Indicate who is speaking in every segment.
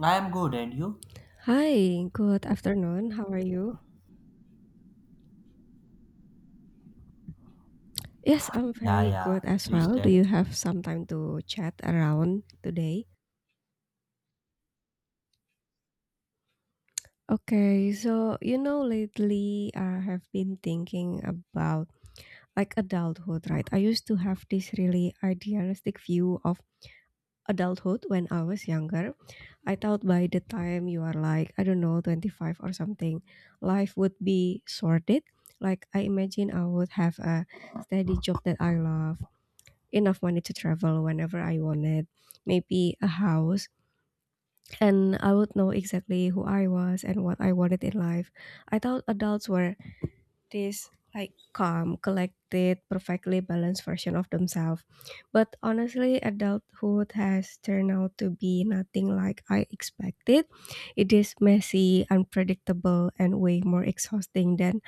Speaker 1: I am good, and you?
Speaker 2: Hi, good afternoon. How are you? Yes, I'm
Speaker 1: Yeah,
Speaker 2: very
Speaker 1: yeah,
Speaker 2: good as
Speaker 1: please
Speaker 2: well. Do
Speaker 1: tell.
Speaker 2: you have some time to chat around today? Okay, so you know, lately I have been thinking about like adulthood, right? I used to have this really idealistic view of adulthood when I was younger. I thought by the time you are like, I don't know, 25 or something, life would be sorted. Like, I imagine I would have a steady job that I love enough money to travel whenever I wanted, maybe a house, and I would know exactly who I was and what I wanted in life. I thought adults were this like calm, collected, perfectly balanced version of themselves. But honestly, adulthood has turned out to be nothing like I expected. It is messy, unpredictable, and way more exhausting than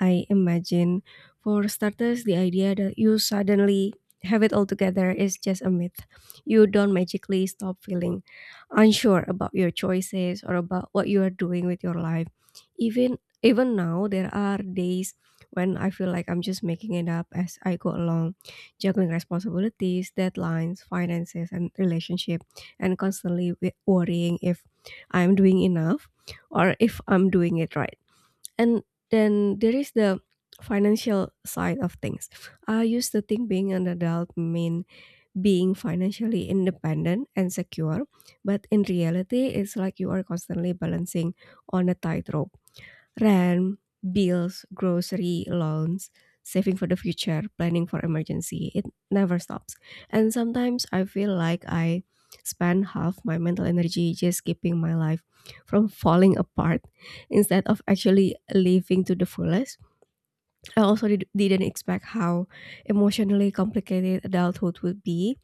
Speaker 2: I imagine. For starters, the idea that you suddenly have it all together is just a myth. You don't magically stop feeling unsure about your choices or about what you are doing with your life. Even even now there are days when I feel like I'm just making it up as I go along, juggling responsibilities, deadlines, finances and relationship and constantly worrying if I'm doing enough or if I'm doing it right and then there is the financial side of things. I used to think being an adult mean being financially independent and secure, but in reality it's like you are constantly balancing on a tightrope. Rent, bills, grocery, loans, saving for the future, planning for emergency. It never stops. And sometimes I feel like I spend half my mental energy just keeping my life from falling apart instead of actually living to the fullest. I also didn't expect how emotionally complicated adulthood would be.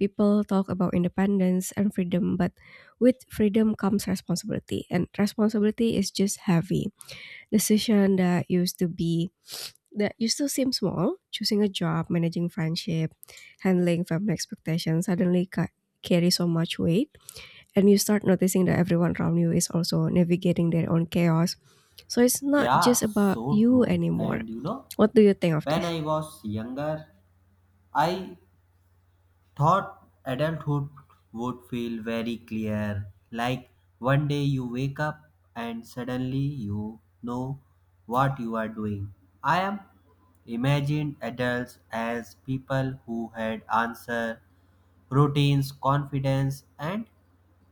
Speaker 2: People talk about independence and freedom, but with freedom comes responsibility, and responsibility is just heavy. Decision that used to be that used to seem small, choosing a job, managing friendship, handling family expectations, suddenly carry so much weight, and you start noticing that everyone around you is also navigating their own chaos. So it's not
Speaker 1: Yeah,
Speaker 2: just about
Speaker 1: so
Speaker 2: you
Speaker 1: true.
Speaker 2: anymore.
Speaker 1: And you know,
Speaker 2: What do you think of
Speaker 1: when
Speaker 2: this?
Speaker 1: I was younger, I thought adulthood would feel very clear, like one day you wake up and suddenly you know what you are doing. I am imagined adults as people who had answer, routines, confidence, and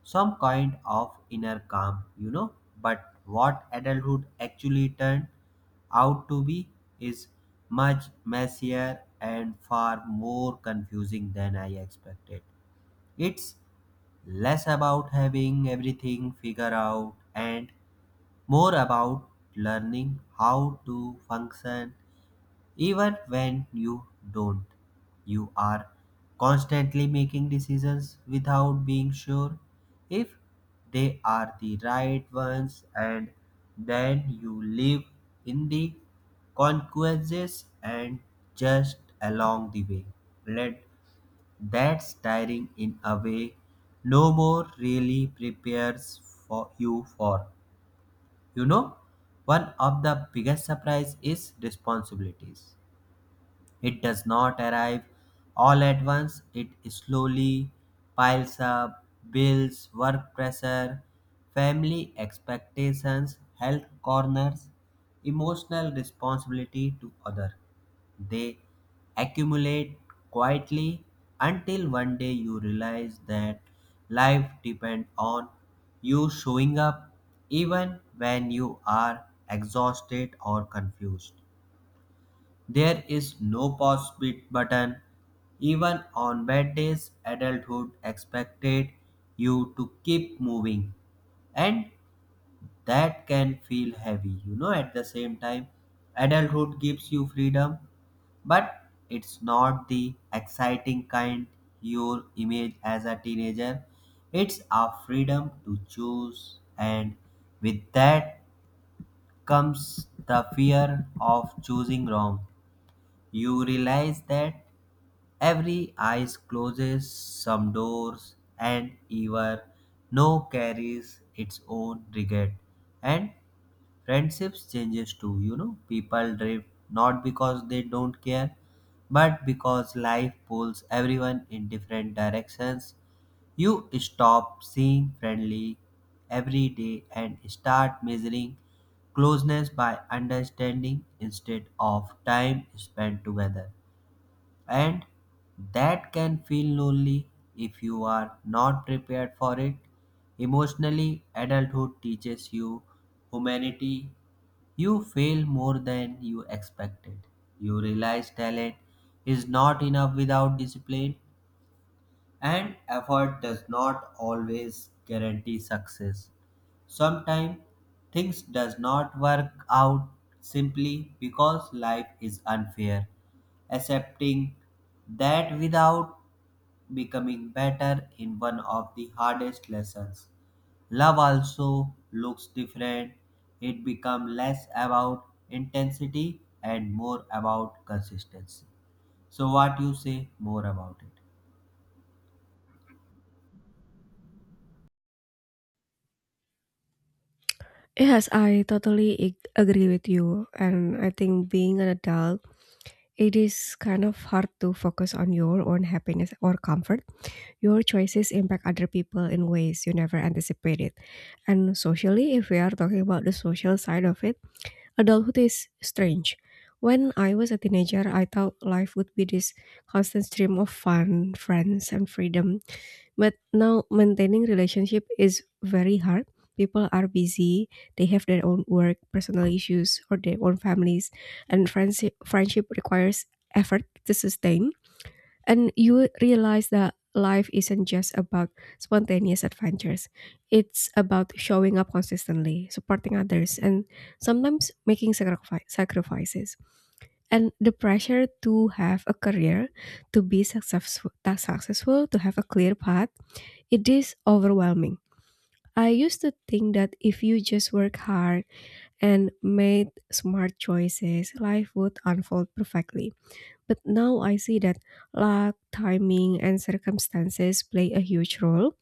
Speaker 1: some kind of inner calm. But what adulthood actually turned out to be is much messier and far more confusing than I expected. It's less about having everything figured out and more about learning how to function even when you don't. You are constantly making decisions without being sure if they are the right ones, and then you live in the consequences and just along the way. Let That's tiring in a way. No more really prepares for you for, you know one of the biggest surprise is responsibilities. It does not arrive all at once, it slowly piles up bills, work pressure, family expectations, health corners, emotional responsibility to other. They accumulate quietly until one day you realize that life depends on you showing up even when you are exhausted or confused. There is no pause bit button. Even on bad days, adulthood expected you to keep moving, and that can feel heavy. At the same time, adulthood gives you freedom, but it's not the exciting kind you image as a teenager. It's a freedom to choose, and with that comes the fear of choosing wrong. You realize that every eyes closes some doors, and even no carries its own regret. And friendships changes too. You know, people drift not because they don't care, but because life pulls everyone in different directions. You stop seeing friendly every day and start measuring closeness by understanding instead of time spent together, and that can feel lonely if you are not prepared for it. Emotionally, adulthood teaches you humanity. You fail more than you expected. You realize talent is not enough without discipline. And effort does not always guarantee success. Sometimes things does not work out simply because life is unfair. Accepting that without becoming better in one of the hardest lessons. Love also looks different. It becomes less about intensity and more about consistency. So what you say more about it?
Speaker 2: Yes, I totally agree with you, and I think being an adult, it is kind of hard to focus on your own happiness or comfort. Your choices impact other people in ways you never anticipated. And socially, if we are talking about the social side of it, adulthood is strange. When I was a teenager, I thought life would be this constant stream of fun, friends, and freedom. But now maintaining relationship is very hard. People are busy, they have their own work, personal issues, or their own families, and friendship requires effort to sustain, and you realize that life isn't just about spontaneous adventures, it's about showing up consistently, supporting others, and sometimes making sacrifices. And the pressure to have a career, to be successful, to have a clear path, it is overwhelming. I used to think that if you just work hard and made smart choices, life would unfold perfectly. But now I see that luck, timing, and circumstances play a huge role.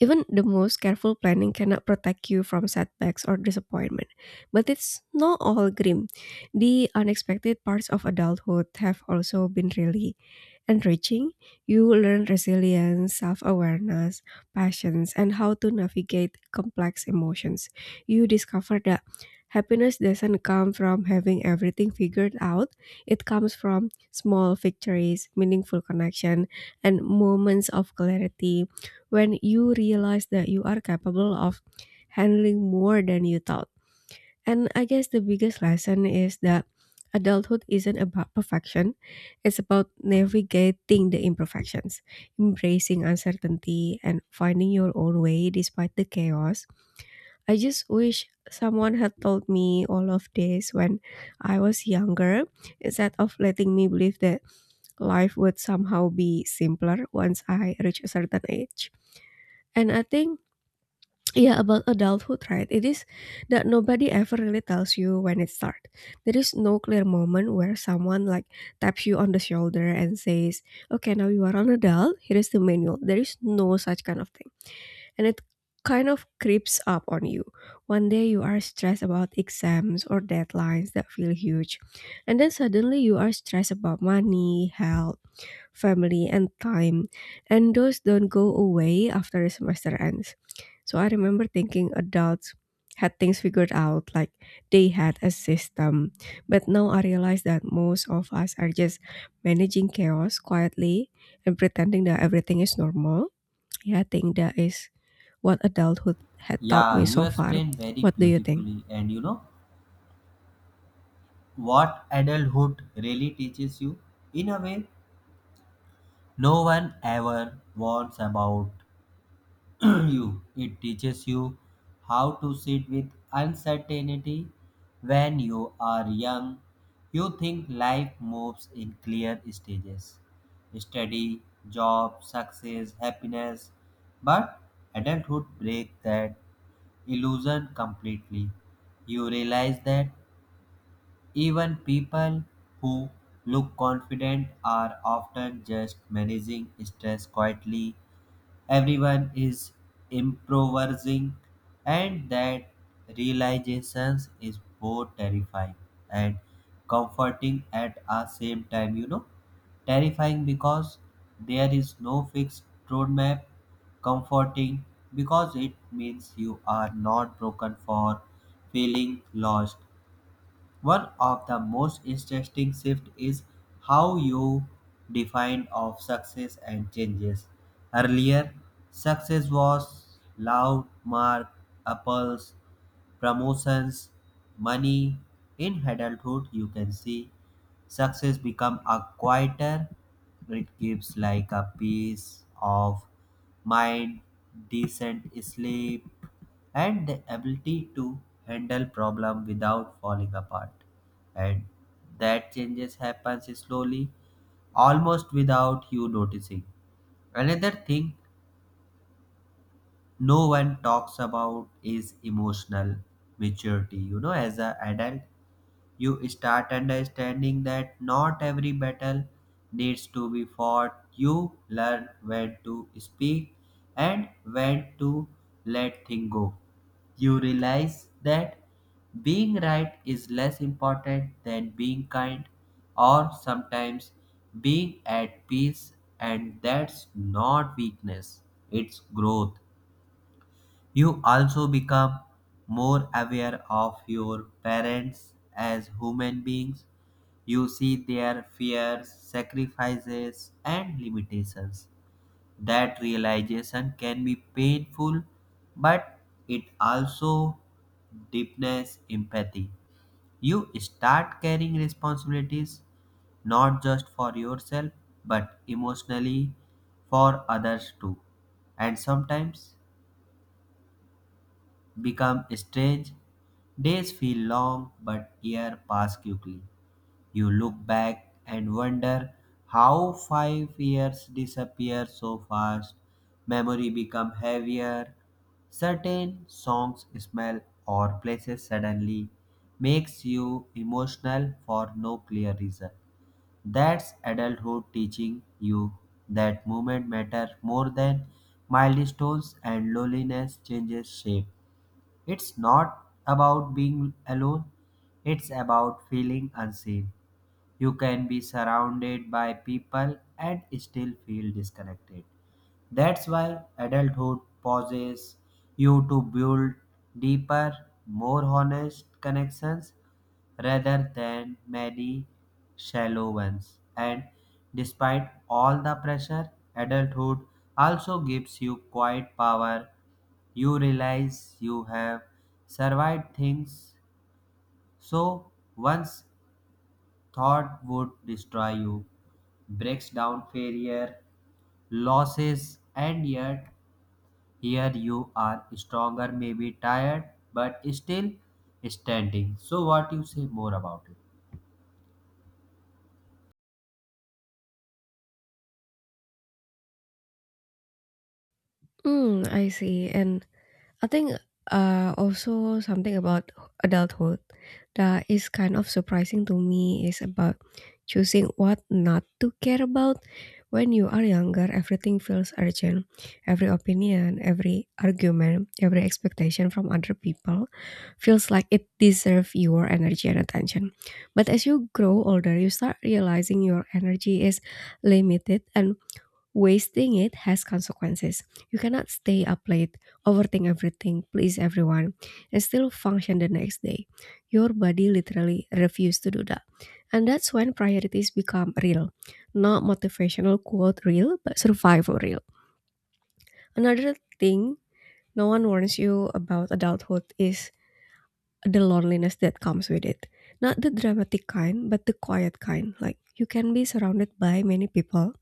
Speaker 2: Even the most careful planning cannot protect you from setbacks or disappointment. But it's not all grim. The unexpected parts of adulthood have also been really enriching. You will learn resilience, self awareness, passions, and how to navigate complex emotions. You discover that happiness doesn't come from having everything figured out, it comes from small victories, meaningful connection, and moments of clarity when you realize that you are capable of handling more than you thought. And I guess the biggest lesson is that adulthood isn't about perfection, it's about navigating the imperfections, embracing uncertainty, and finding your own way despite the chaos. I just wish someone had told me all of this when I was younger instead of letting me believe that life would somehow be simpler once I reach a certain age. And I think, yeah, about adulthood, right? It is that nobody ever really tells you when it starts. There is no clear moment where someone like taps you on the shoulder and says, "Okay, now you are an adult, here is the manual." There is no such kind of thing. And it kind of creeps up on you. One day you are stressed about exams or deadlines that feel huge. And then suddenly you are stressed about money, health, family, and time. And those don't go away after the semester ends. So I remember thinking adults had things figured out, like they had a system. But now I realize that most of us are just managing chaos quietly and pretending that everything is normal. Yeah, I think that is what adulthood had taught
Speaker 1: Yeah,
Speaker 2: me
Speaker 1: you
Speaker 2: so far.
Speaker 1: explained very
Speaker 2: What do you think?
Speaker 1: beautifully. And you know what adulthood really teaches you? In a way, no one ever warns about you. It teaches you how to sit with uncertainty when you are young. You think life moves in clear stages: study, job, success, happiness. But adulthood breaks that illusion completely. You realize that even people who look confident are often just managing stress quietly. Everyone is improvising, and that realization is both terrifying and comforting at the same time. You know, terrifying because there is no fixed roadmap, comforting because it means you are not broken for feeling lost. One of the most interesting shifts is how you define of success and changes. Earlier, success was loud mark, apples, promotions, money. In adulthood, you can see success become a quieter. It gives like a peace of mind, decent sleep, and the ability to handle problem without falling apart. And that changes happens slowly, almost without you noticing. Another thing no one talks about is emotional maturity. As a adult, you start understanding that not every battle needs to be fought. You learn when to speak and when to let things go. You realize that being right is less important than being kind, or sometimes being at peace, and that's not weakness, it's growth. You also become more aware of your parents as human beings. You see their fears, sacrifices, and limitations. That realization can be painful, but it also deepens empathy. You start carrying responsibilities not just for yourself but emotionally for others too. And sometimes become strange. Days feel long, but years pass quickly. You look back and wonder how 5 years disappear so fast. Memory become heavier. Certain songs, smell, or places suddenly makes you emotional for no clear reason. That's adulthood teaching you that moment matters more than milestones, and loneliness changes shape. It's not about being alone, it's about feeling unseen. You can be surrounded by people and still feel disconnected. That's why adulthood pauses you to build deeper, more honest connections rather than many shallow ones. And despite all the pressure, adulthood also gives you quiet power. You realize you have survived things so once thought would destroy you, breaks down failure, losses, and yet here you are stronger, maybe tired, but still standing. So what you say more about it?
Speaker 2: Mm, I see. And I think also something about adulthood that is kind of surprising to me is about choosing what not to care about. When you are younger, everything feels urgent. Every opinion, every argument, every expectation from other people feels like it deserves your energy and attention. But as you grow older, you start realizing your energy is limited and wasting it has consequences. You cannot stay up late, overthink everything, please everyone, and still function the next day. Your body literally refuses to do that. And that's when priorities become real. Not motivational quote real, but survival real. Another thing no one warns you about adulthood is the loneliness that comes with it. Not the dramatic kind, but the quiet kind. Like, you can be surrounded by many people,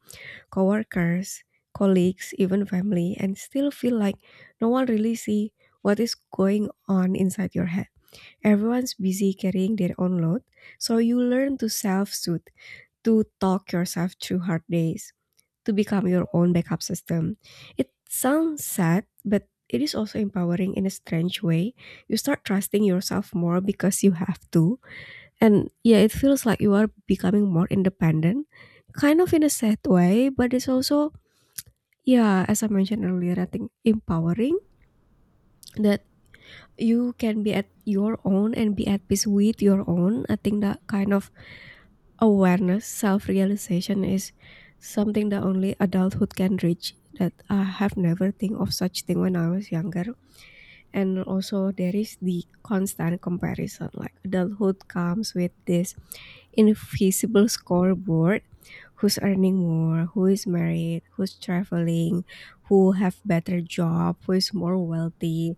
Speaker 2: coworkers, colleagues, even family, and still feel like no one really see what is going on inside your head. Everyone's busy carrying their own load, so you learn to self-soothe, to talk yourself through hard days, to become your own backup system. It sounds sad, but it is also empowering in a strange way. You start trusting yourself more because you have to. And yeah, it feels like you are becoming more independent, kind of in a sad way, but it's also, yeah, as I mentioned earlier, I think empowering that you can be at your own and be at peace with your own. I think that kind of awareness, self realization is something that only adulthood can reach. That I have never think of such thing when I was younger. And also there is the constant comparison. Like adulthood comes with this invisible scoreboard. Who's earning more, who is married, who's traveling, who have better job, who is more wealthy,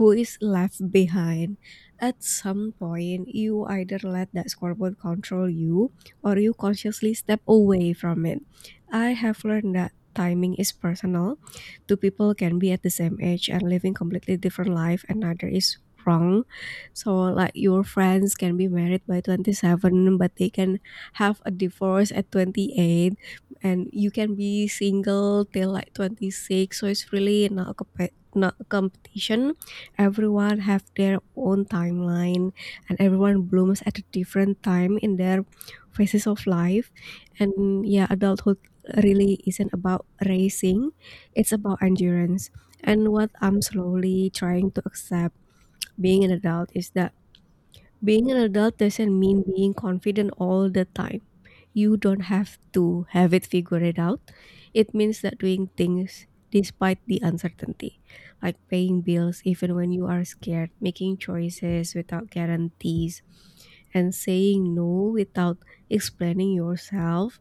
Speaker 2: who is left behind. At some point, you either let that scoreboard control you or you consciously step away from it. I have learned that timing is personal. Two people can be at the same age and living completely different life and neither is wrong. So like your friends can be married by 27 but they can have a divorce at 28, and you can be single till like 26, so it's really not a competition. Everyone have their own timeline, and everyone blooms at a different time in their phases of life. And yeah, adulthood really isn't about racing, it's about endurance. And what I'm slowly trying to accept being an adult is that being an adult doesn't mean being confident all the time. You don't have to have it figured out. It means that doing things despite the uncertainty, like paying bills even when you are scared, making choices without guarantees, and saying no without explaining yourself,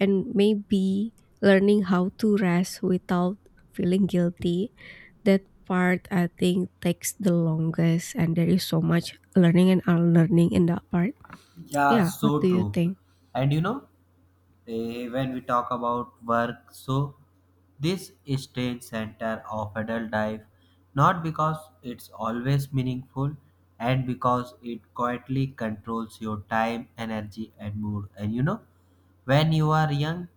Speaker 2: and maybe learning how to rest without feeling guilty. That part I think takes the longest, and there is so much learning and unlearning in that part.
Speaker 1: Yeah,
Speaker 2: Yeah, what
Speaker 1: so
Speaker 2: do you
Speaker 1: true.
Speaker 2: think?
Speaker 1: And you know, when we talk about work, so this stage center of adult life not because it's always meaningful and because it quietly controls your time energy and mood. And you know, when you are young,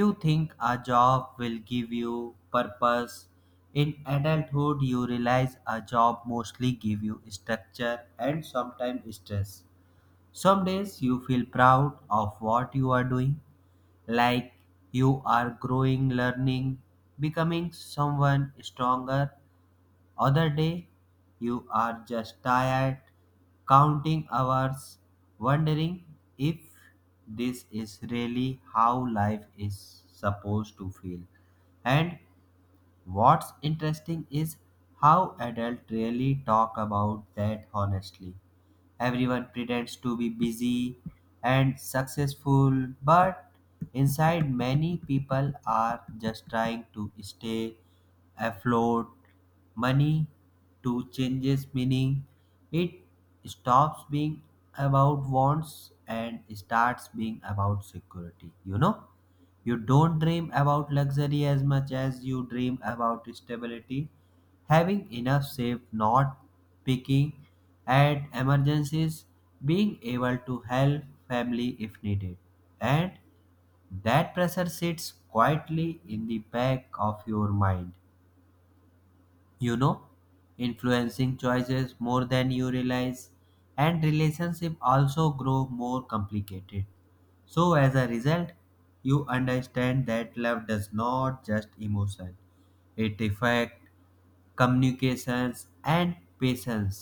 Speaker 1: you think a job will give you purpose. In adulthood, you realize a job mostly give you structure and sometimes stress. Some days you feel proud of what you are doing, like you are growing, learning, becoming someone stronger. Other day, you are just tired, counting hours, wondering if this is really how life is supposed to feel. And what's interesting is how adults really talk about that honestly. Everyone pretends to be busy and successful, but inside, many people are just trying to stay afloat. Money to changes meaning. It stops being about wants and starts being about security, you know? You don't dream about luxury as much as you dream about stability, having enough saved, not picking at emergencies, being able to help family if needed. And that pressure sits quietly in the back of your mind, you know, influencing choices more than you realize. And relationship also grow more complicated. So as a result, you understand that love does not just emotion, it affects communications and patience.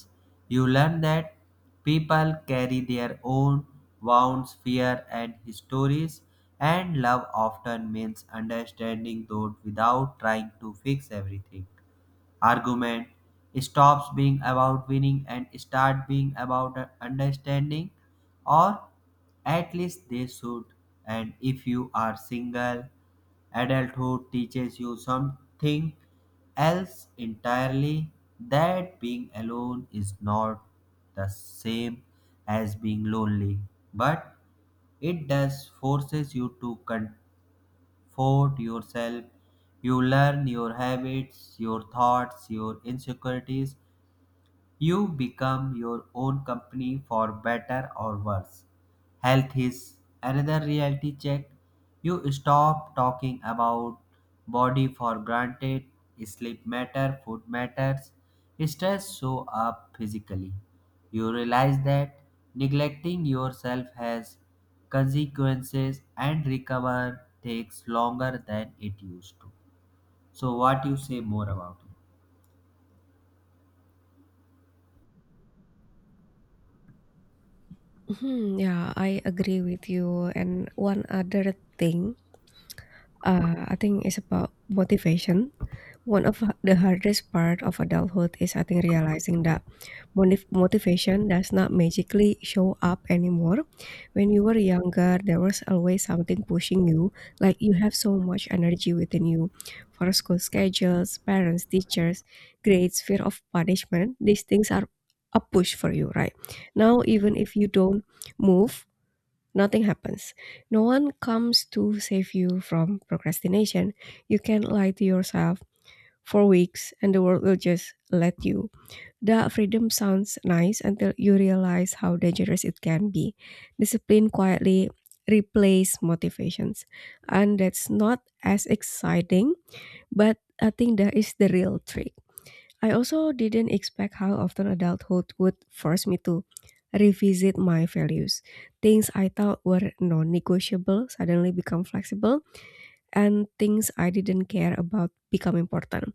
Speaker 1: You learn that people carry their own wounds fear and histories, and love often means understanding those without trying to fix everything. Argument stops being about winning and start being about understanding, or at least they should. And if you are single, adulthood teaches you something else entirely, that being alone is not the same as being lonely, but it does forces you to fought yourself. You learn your habits, your thoughts, your insecurities. You become your own company for better or worse. Health is another reality check. You stop talking about body for granted. Sleep matter, food matters. Stress show up physically. You realize that neglecting yourself has consequences and recover takes longer than it used to. So what you say more about it?
Speaker 2: Mhm, yeah, I agree with you. And one other thing, I think is about motivation. One of the hardest part of adulthood is I think realizing that motivation does not magically show up anymore. When you were younger, there was always something pushing you, like you have so much energy within you for school schedules, parents, teachers, grades, fear of punishment. These things are a push for you, right? Now, even if you don't move, nothing happens. No one comes to save you from procrastination. You can lie to yourself for weeks and the world will just let you. The freedom sounds nice until you realize how dangerous it can be. Discipline quietly replace motivations, and that's not as exciting, but I think that is the real trick. I also didn't expect how often adulthood would force me to revisit my values. Things I thought were non negotiable suddenly become flexible, and things I didn't care about become important.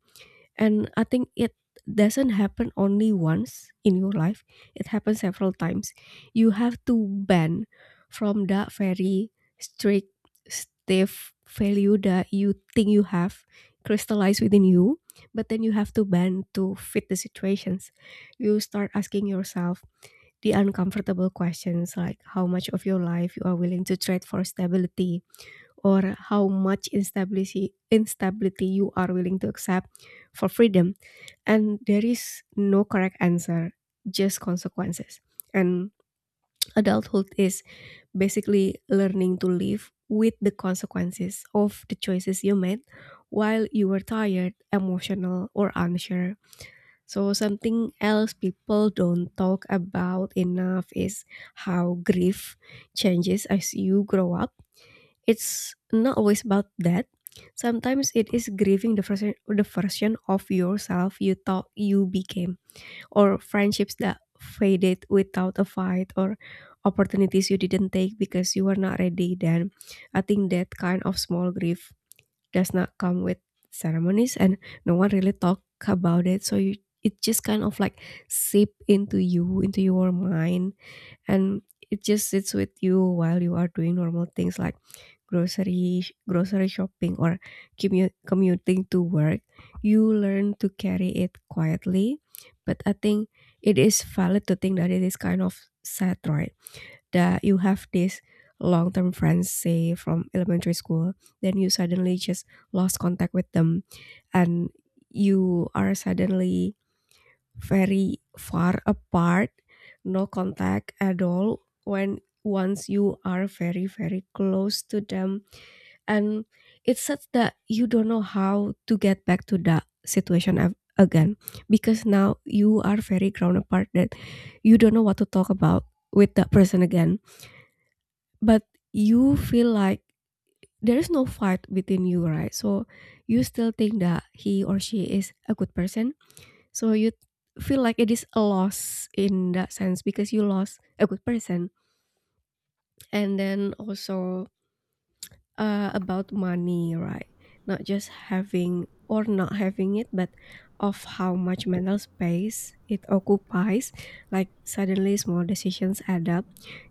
Speaker 2: And I think it doesn't happen only once in your life, it happens several times. You have to ban from that very strict, stiff value that you think you have crystallized within you, but then you have to ban to fit the situations. You start asking yourself the uncomfortable questions, like how much of your life you are willing to trade for stability, or how much instability you are willing to accept for freedom. And there is no correct answer, just consequences. And adulthood is basically learning to live with the consequences of the choices you made while you were tired, emotional, or unsure. So something else people don't talk about enough is how grief changes as you grow up. It's not always about that. Sometimes it is grieving the version of yourself you thought you became, or friendships that faded without a fight, or opportunities you didn't take because you were not ready. Then I think that kind of small grief does not come with ceremonies, and no one really talk about it. So it just kind of like seep into you, into your mind, and it just sits with you while you are doing normal things like grocery shopping or commuting to work. You learn to carry it quietly, but I think it is valid to think that it is kind of sad, right? That you have this long-term friends, say, from elementary school, then you suddenly just lost contact with them, and you are suddenly very far apart, no contact at all, when once you are very close to them. And it's such that you don't know how to get back to that situation again. Because now you are very grown apart that you don't know what to talk about with that person again. But you feel like there is no fight within you, right? So you still think that he or she is a good person. So you feel like it is a loss in that sense, because you lost a good person. And then also, about money, right? Not just having or not having it, but of how much mental space it occupies. Like suddenly small decisions add up.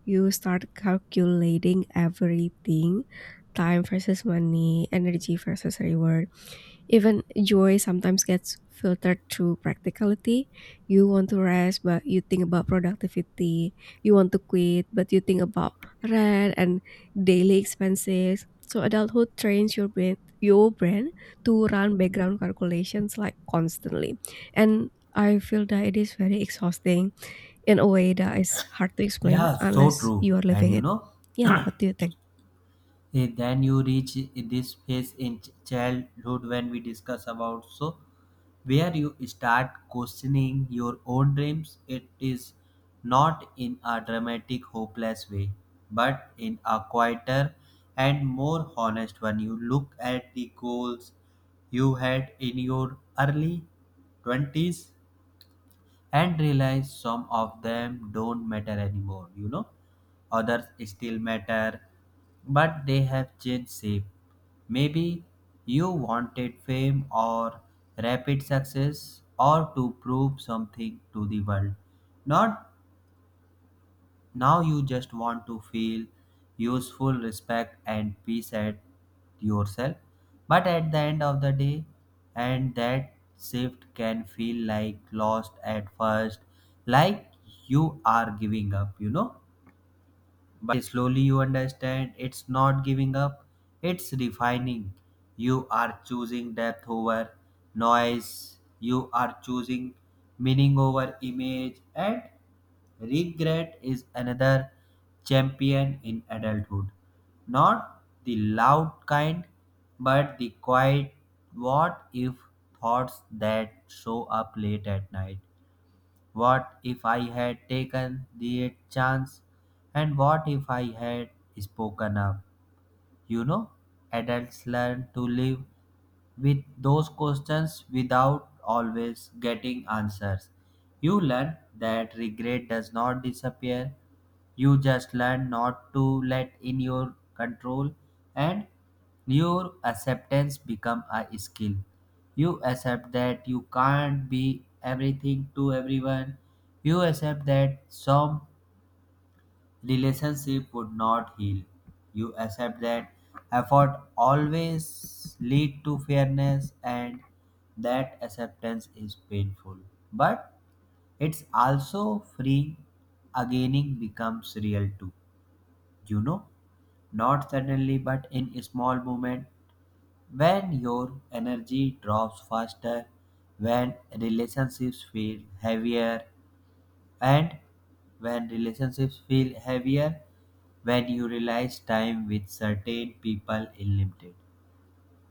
Speaker 2: You start calculating everything, time versus money, energy versus reward. Even joy sometimes gets filtered through practicality. You want to rest, but you think about productivity. You want to quit, but you think about rent and daily expenses. So adulthood trains your brain to run background calculations, like, constantly. And I feel that it is very exhausting in a way that is hard to explain
Speaker 1: Yeah, so
Speaker 2: unless
Speaker 1: true.
Speaker 2: you are
Speaker 1: And
Speaker 2: living
Speaker 1: you
Speaker 2: it.
Speaker 1: know,
Speaker 2: Yeah, what do you think?
Speaker 1: Then you reach this phase in childhood when we discuss about, so where you start questioning your own dreams. It is not in a dramatic hopeless way, but in a quieter and more honest one. You look at the goals you had in your early 20s and realize some of them don't matter anymore, you know. Others still matter, but they have changed shape. Maybe you wanted fame or rapid success or to prove something to the world, not now you just want to feel useful, respect, and peace at yourself. But at the end of the day, and that shift can feel like lost at first, like you are giving up, you know. But slowly you understand it's not giving up, it's refining. You are choosing depth over noise, you are choosing meaning over image, and regret is another champion in adulthood. Not the loud kind, but the quiet what if thoughts that show up late at night. What if I had taken the chance? And what if I had spoken up? You know, adults learn to live with those questions without always getting answers. You learn that regret does not disappear. You just learn not to let in your control, and your acceptance become a skill. You accept that you can't be everything to everyone. You accept that some relationship would not heal. You accept that effort always lead to fairness, and that acceptance is painful. But it's also freeing. Againing becomes real too. You know, not suddenly but in a small moment when your energy drops faster, when relationships feel heavier, and when relationships feel heavier, when you realize time with certain people is limited,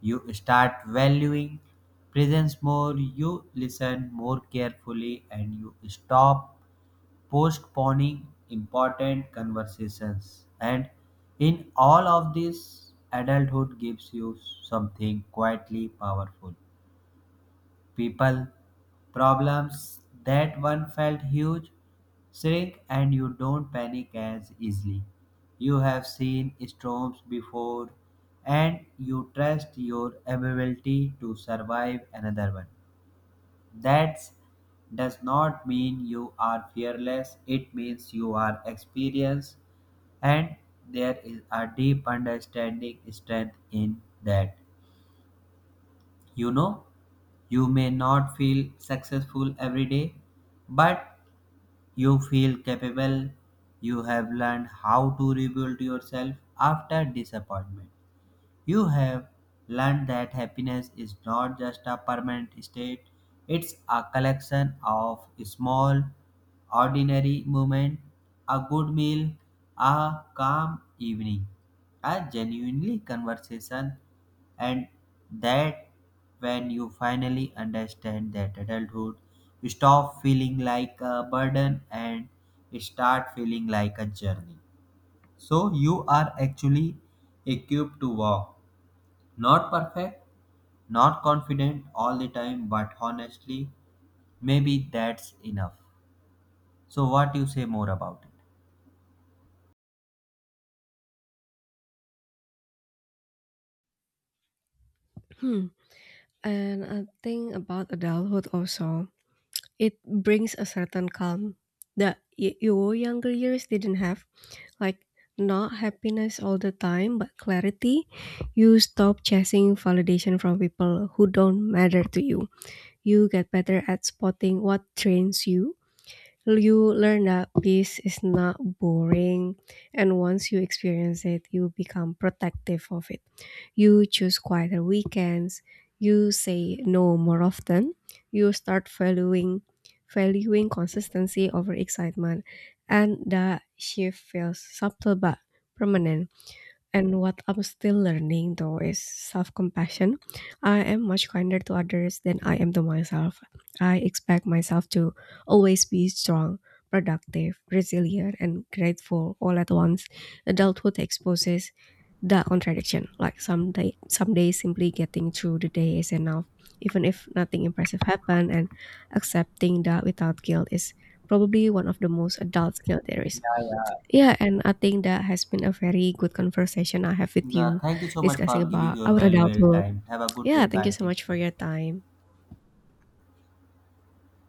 Speaker 1: you start valuing presence more, you listen more carefully, and you stop postponing important conversations. And in all of this, adulthood gives you something quietly powerful: people, problems that one felt huge shrink and you don't panic as easily. You have seen storms before and you trust your ability to survive another one. That does not mean you are fearless, it means you are experienced, and there is a deep understanding strength in that. You know? You may not feel successful every day, but you feel capable. You have learned how to rebuild yourself after disappointment. You have learned that happiness is not just a permanent state, it's a collection of small, ordinary moments: a good meal, a calm evening, a genuinely conversation, and that when you finally understand that adulthood, you stop feeling like a burden and start feeling like a journey. So you are actually equipped to walk, not perfect, not confident all the time, but honestly, maybe that's enough. So, what you say more about it?
Speaker 2: Hmm. And I think about adulthood also. It brings a certain calm that your younger years didn't have. Like, not happiness all the time, but clarity. You stop chasing validation from people who don't matter to you. You get better at spotting what trains you. You learn that peace is not boring, and once you experience it, you become protective of it. You choose quieter weekends. You say no more often. You start valuing consistency over excitement. And the shift feels subtle but permanent. And what I'm still learning though is self-compassion. I am much kinder to others than I am to myself. I expect myself to always be strong, productive, resilient, and grateful all at once. Adulthood exposes the contradiction. Like some days simply getting through the day is enough, even if nothing impressive happened. And accepting that without guilt is probably one of the most adult skill there
Speaker 1: Yeah,
Speaker 2: is.
Speaker 1: yeah.
Speaker 2: Yeah, and I think that has been a very good conversation I have with
Speaker 1: Yeah,
Speaker 2: you,
Speaker 1: thank you so much
Speaker 2: discussing
Speaker 1: for giving
Speaker 2: about
Speaker 1: your
Speaker 2: our
Speaker 1: valuable
Speaker 2: adulthood.
Speaker 1: time. Have a good day.
Speaker 2: Yeah, thank you
Speaker 1: Bye.
Speaker 2: so
Speaker 1: Take
Speaker 2: much for
Speaker 1: care.
Speaker 2: your time.